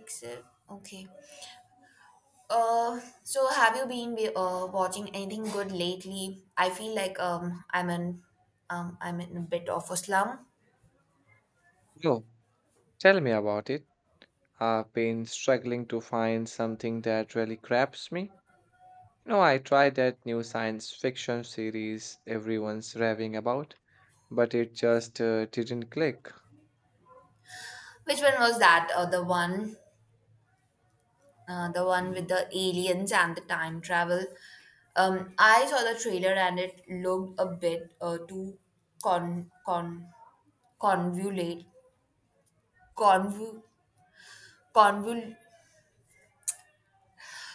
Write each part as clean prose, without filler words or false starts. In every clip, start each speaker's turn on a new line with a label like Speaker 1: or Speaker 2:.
Speaker 1: Except, okay. So have you watching anything good lately? I feel like I'm in a bit of a slump.
Speaker 2: No, tell me about it. I've been struggling to find something that really grabs me. You know, I tried that new science fiction series everyone's raving about, but it just didn't click.
Speaker 1: Which one was that? The one with the aliens and the time travel. I saw the trailer and it looked a bit too con con convolute convu convol.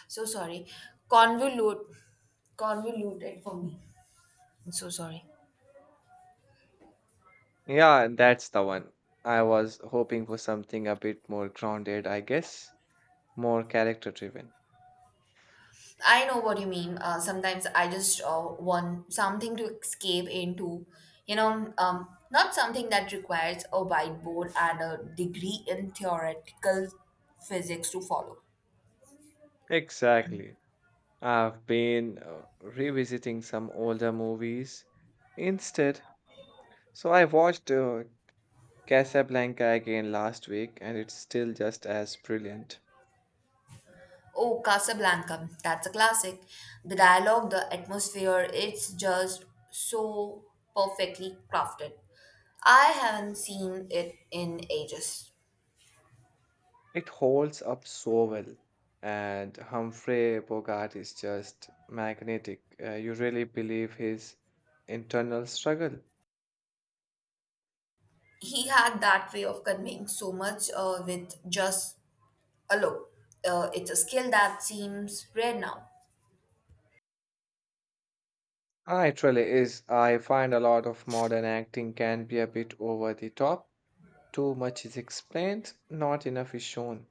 Speaker 1: So sorry, convolute convoluted for me. I'm so sorry.
Speaker 2: Yeah, that's the one. I was hoping for something a bit more grounded, I guess, more character driven.
Speaker 1: I know what you mean. Sometimes I just want something to escape into, you know, not something that requires a whiteboard and a degree in theoretical physics to follow.
Speaker 2: Exactly. I've been revisiting some older movies instead. So I watched Casablanca again last week, and it's still just as brilliant.
Speaker 1: Oh, Casablanca, that's a classic. The dialogue, the atmosphere, it's just so perfectly crafted. I haven't seen it in ages.
Speaker 2: It holds up so well, and Humphrey Bogart is just magnetic. You really believe his internal struggle.
Speaker 1: He had that way of conveying so much with just, look, it's a skill that seems rare now.
Speaker 2: It really is. I find a lot of modern acting can be a bit over the top. Too much is explained, not enough is shown.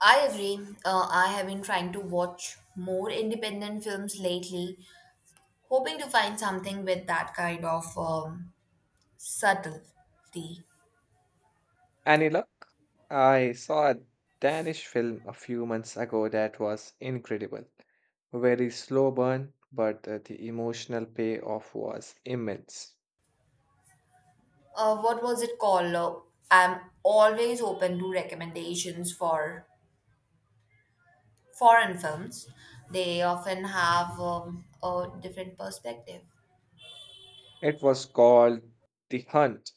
Speaker 1: I agree. I have been trying to watch more independent films lately, hoping to find something with that kind of subtlety.
Speaker 2: Any luck? I saw a Danish film a few months ago that was incredible. Very slow burn, but the emotional payoff was immense.
Speaker 1: What was it called? I'm always open to recommendations for foreign films. They often have a different perspective.
Speaker 2: It was called The Hunt.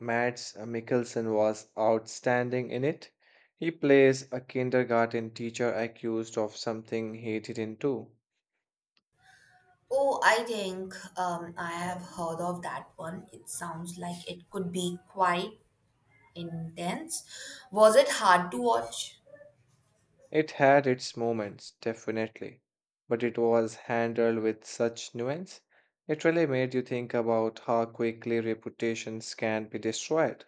Speaker 2: Mads Mikkelsen was outstanding in it. He plays a kindergarten teacher accused of something he didn't do.
Speaker 1: Oh, I think I have heard of that one. It sounds like it could be quite intense. Was it hard to watch?
Speaker 2: It had its moments, definitely, but it was handled with such nuance. It really made you think about how quickly reputations can be destroyed.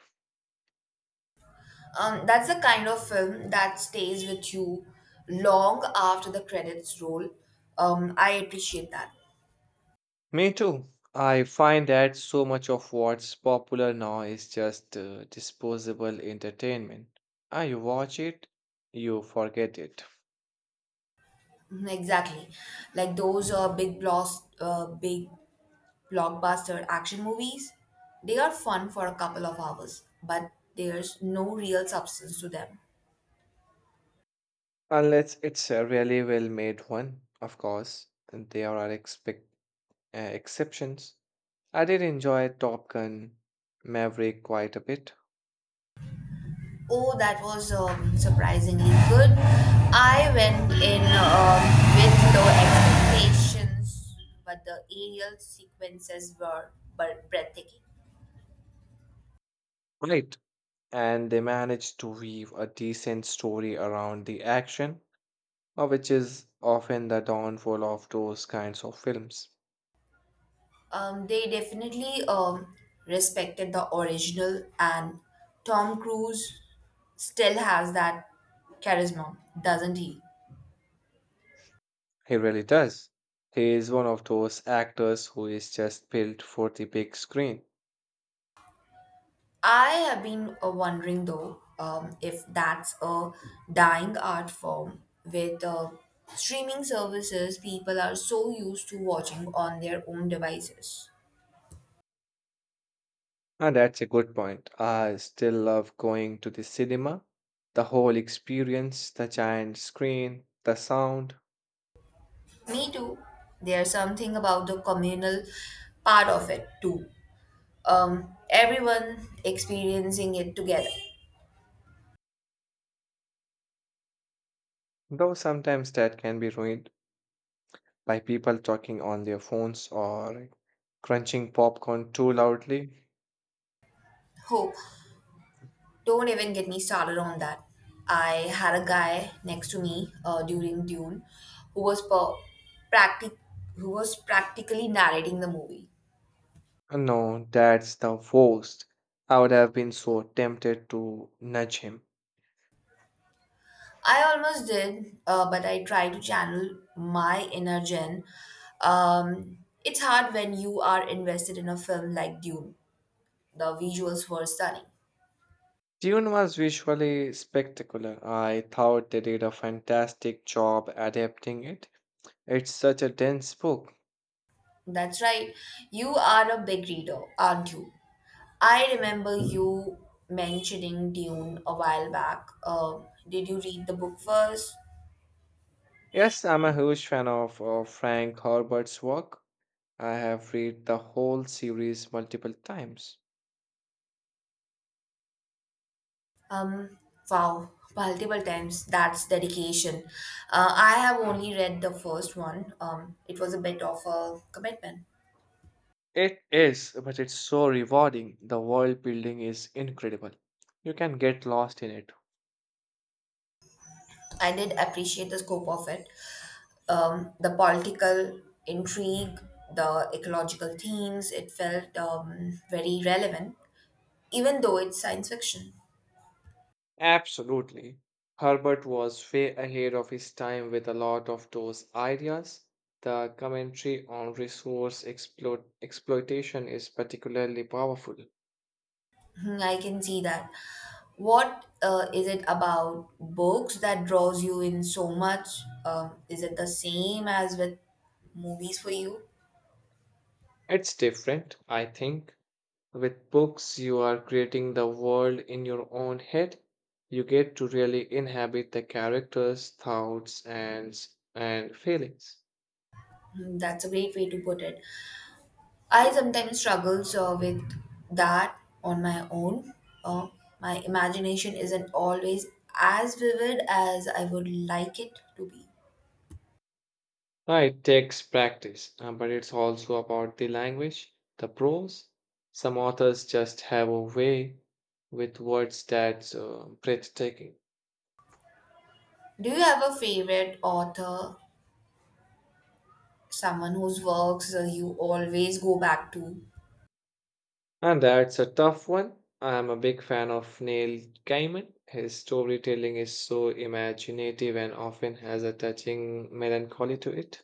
Speaker 1: That's the kind of film that stays with you long after the credits roll. I appreciate that.
Speaker 2: Me too. I find that so much of what's popular now is just disposable entertainment. You watch it, you forget it.
Speaker 1: Mhm. Exactly. Like those big blockbuster action movies, they are fun for a couple of hours, but there's no real substance to them.
Speaker 2: Unless it's a really well made one, of course, and there are exceptions. I did enjoy Top Gun Maverick quite a bit.
Speaker 1: Oh, that was surprisingly good. I went in with low expectations, but the aerial sequences were breathtaking.
Speaker 2: Right. And they managed to weave a decent story around the action, which is often the downfall of those kinds of films.
Speaker 1: They definitely respected the original, and Tom Cruise still has that charisma, doesn't he?
Speaker 2: He really does. He is one of those actors who is just built for the big screen.
Speaker 1: I have been wondering though if that's a dying art form with streaming services people are so used to watching on their own devices.
Speaker 2: That's a good point. I still love going to the cinema. The whole experience, the giant screen, the sound,
Speaker 1: Me too. There's something about the communal part of it too. Everyone experiencing it together.
Speaker 2: though sometimes that can be ruined by people talking on their phones or crunching popcorn too loudly.
Speaker 1: Hope Don't even get me started on that. I had a guy next to me during Dune who was per- practic- who was practically narrating the movie.
Speaker 2: No, that's the worst. I would have been so tempted to nudge him.
Speaker 1: I almost did, but I try to channel my inner Jen. Um, it's hard when you are invested in a film like Dune. The visuals were stunning.
Speaker 2: Dune was visually spectacular. I thought they did a fantastic job adapting it. It's such a dense book.
Speaker 1: That's right. You are a big reader, aren't you? I remember you mentioning Dune a while back. Did you read the book first?
Speaker 2: Yes, I'm a huge fan of Frank Herbert's work. I have read the whole series multiple times.
Speaker 1: Um, wow, multiple times. That's dedication. I have only read the first one. It was a bit of a commitment.
Speaker 2: It is, but it's so rewarding. The world building is incredible. You can get lost in it.
Speaker 1: I did appreciate the scope of it. The political intrigue, the ecological themes, it felt very relevant, even though it's science fiction.
Speaker 2: Absolutely. Herbert was way ahead of his time with a lot of those ideas. The commentary on resource exploitation is particularly powerful.
Speaker 1: Hmm, I can see that. What is it about books that draws you in so much? Is it the same as with movies for you?
Speaker 2: It's different, I think. With books, you are creating the world in your own head. You get to really inhabit the characters' thoughts and feelings.
Speaker 1: Hmm, that's a great way to put it. I sometimes struggle so with that on my own. Uh, my imagination isn't always as vivid as I would like it to be.
Speaker 2: It takes practice, but it's also about the language, the prose. Some authors just have a way with words that's breathtaking.
Speaker 1: Do you have a favorite author, someone whose works you always go back to?
Speaker 2: And that's a tough one. I'm a big fan of Neil Gaiman. His storytelling is so imaginative and often has a touching melancholy to it.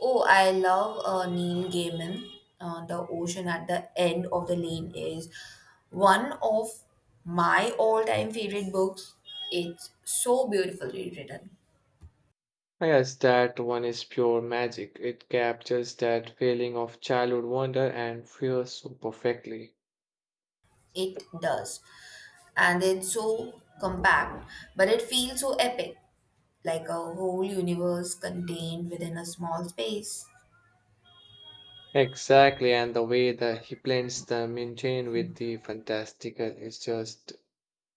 Speaker 1: Oh, I love Neil Gaiman. The Ocean at the End of the Lane is one of my all time favorite books. It's so beautifully written.
Speaker 2: Yes, that one is pure magic. It captures that feeling of childhood wonder and fear so perfectly.
Speaker 1: It does. And it's so compact, but it feels so epic, like a whole universe contained within a small space.
Speaker 2: Exactly, and the way that he blends the mundane with the fantastical is just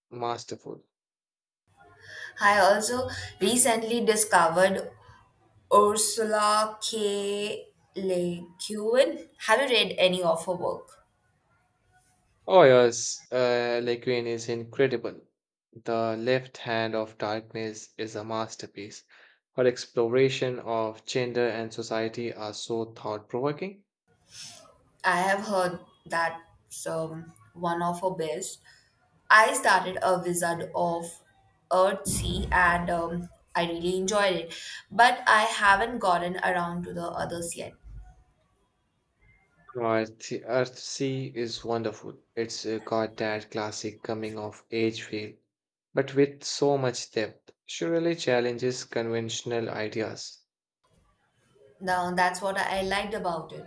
Speaker 2: masterful.
Speaker 1: I also recently discovered Ursula K. Le Guin. Have you read any of her work?
Speaker 2: Oh yes, Le Guin is incredible. The Left Hand of Darkness is a masterpiece. Her exploration of gender and society are so thought-provoking.
Speaker 1: I have heard that some one of her best. I started a Wizard of Earth Sea and I really enjoyed it, but I haven't gotten around to the others yet.
Speaker 2: Earth Sea is wonderful. It's got that classic coming of age feel, but with so much depth. She really challenges conventional ideas.
Speaker 1: Now that's what I liked about it.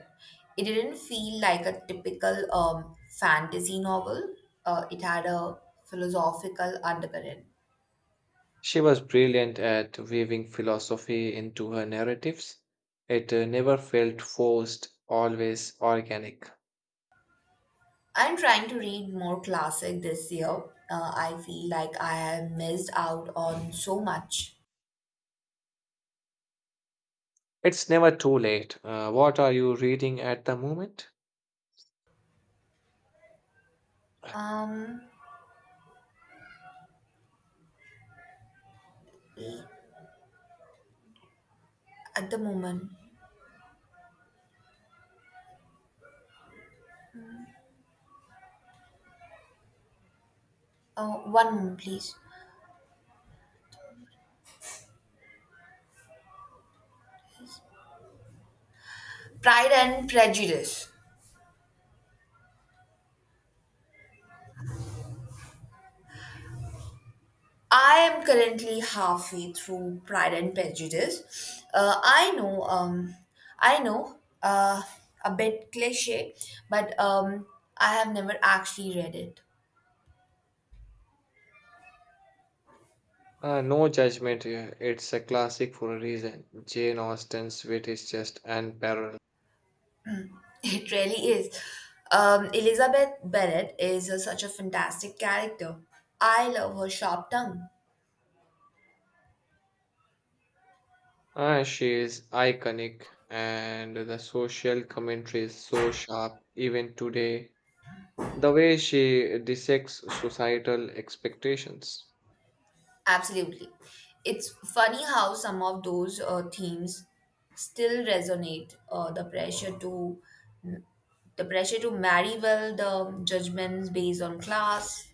Speaker 1: It didn't feel like a typical fantasy novel. It had a philosophical undercurrent.
Speaker 2: She was brilliant at weaving philosophy into her narratives. It never felt forced, always organic.
Speaker 1: I'm trying to read more classic this year. I feel like I have missed out on so much.
Speaker 2: It's never too late. What are you reading at the moment?
Speaker 1: Um, at the moment, one moment, please. Pride and Prejudice. I am currently halfway through Pride and Prejudice. I know, a bit cliche, but I have never actually read it.
Speaker 2: No judgment here. It's a classic for a reason. Jane Austen's wit is just unparalleled.
Speaker 1: It really is. Elizabeth Bennet is such a fantastic character. I love her sharp tongue.
Speaker 2: She is iconic, and the social commentary is so sharp even today. The way she dissects societal expectations,
Speaker 1: Absolutely. It's funny how some of those themes still resonate. The pressure to marry well, the judgments based on class.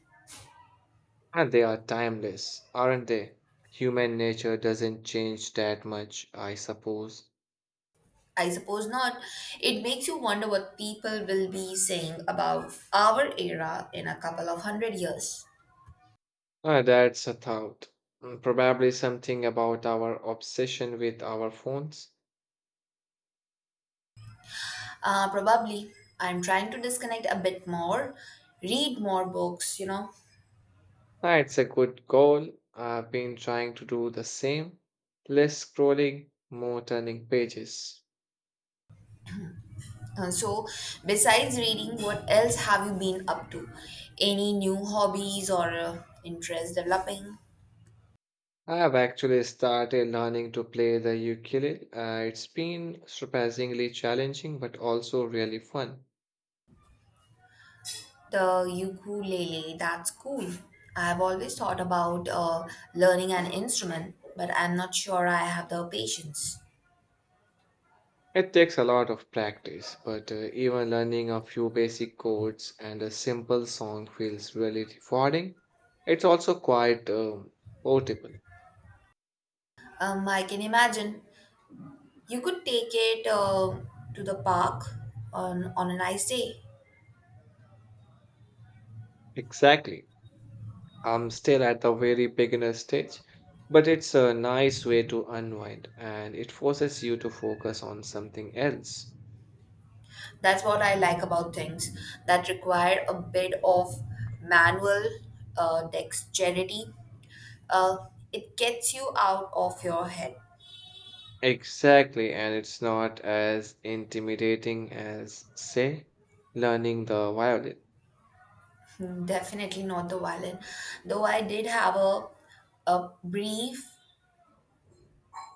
Speaker 2: and they are timeless, aren't they? Human nature doesn't change that much, I suppose.
Speaker 1: I suppose not. It makes you wonder what people will be saying about our era in a couple of hundred years.
Speaker 2: That's a thought. Mm, probably something about our obsession with our phones.
Speaker 1: Probably. I'm trying to disconnect a bit more, read more books, you know.
Speaker 2: It's a good goal. I've been trying to do the same. Less scrolling, more turning pages.
Speaker 1: So, besides reading, what else have you been up to? Any new hobbies or interest developing?
Speaker 2: I have actually started learning to play the ukulele. It's been surprisingly challenging, but also really fun.
Speaker 1: The ukulele, that's cool. I've always thought about learning an instrument, but I'm not sure I have the patience.
Speaker 2: It takes a lot of practice, but even learning a few basic chords and a simple song feels really rewarding. It's also quite portable.
Speaker 1: I can imagine you could take it to the park on a nice day.
Speaker 2: Exactly. I'm still at the very beginner stage, but it's a nice way to unwind and it forces you to focus on something else.
Speaker 1: That's what I like about things that require a bit of manual dexterity, uh, it gets you out of your head.
Speaker 2: Exactly, and it's not as intimidating as, say, learning the violin.
Speaker 1: Hmm, definitely not the violin. Though I did have a brief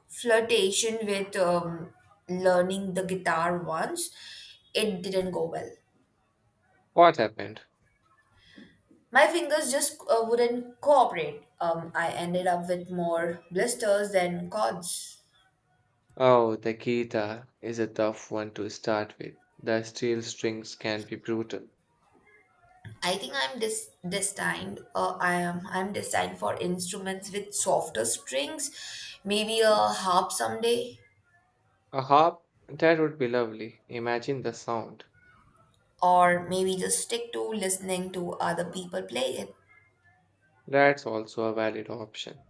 Speaker 1: flirtation with learning the guitar once, it didn't go well.
Speaker 2: What happened?
Speaker 1: My fingers just wouldn't cooperate. I ended up with more blisters than chords.
Speaker 2: Oh, the guitar is a tough one to start with. The steel strings can be brutal.
Speaker 1: I think I'm dis- destined. I am. I'm destined for instruments with softer strings, maybe a harp someday.
Speaker 2: A harp? That would be lovely. Imagine the sound.
Speaker 1: Or maybe just stick to listening to other people play it.
Speaker 2: That's also a valid option.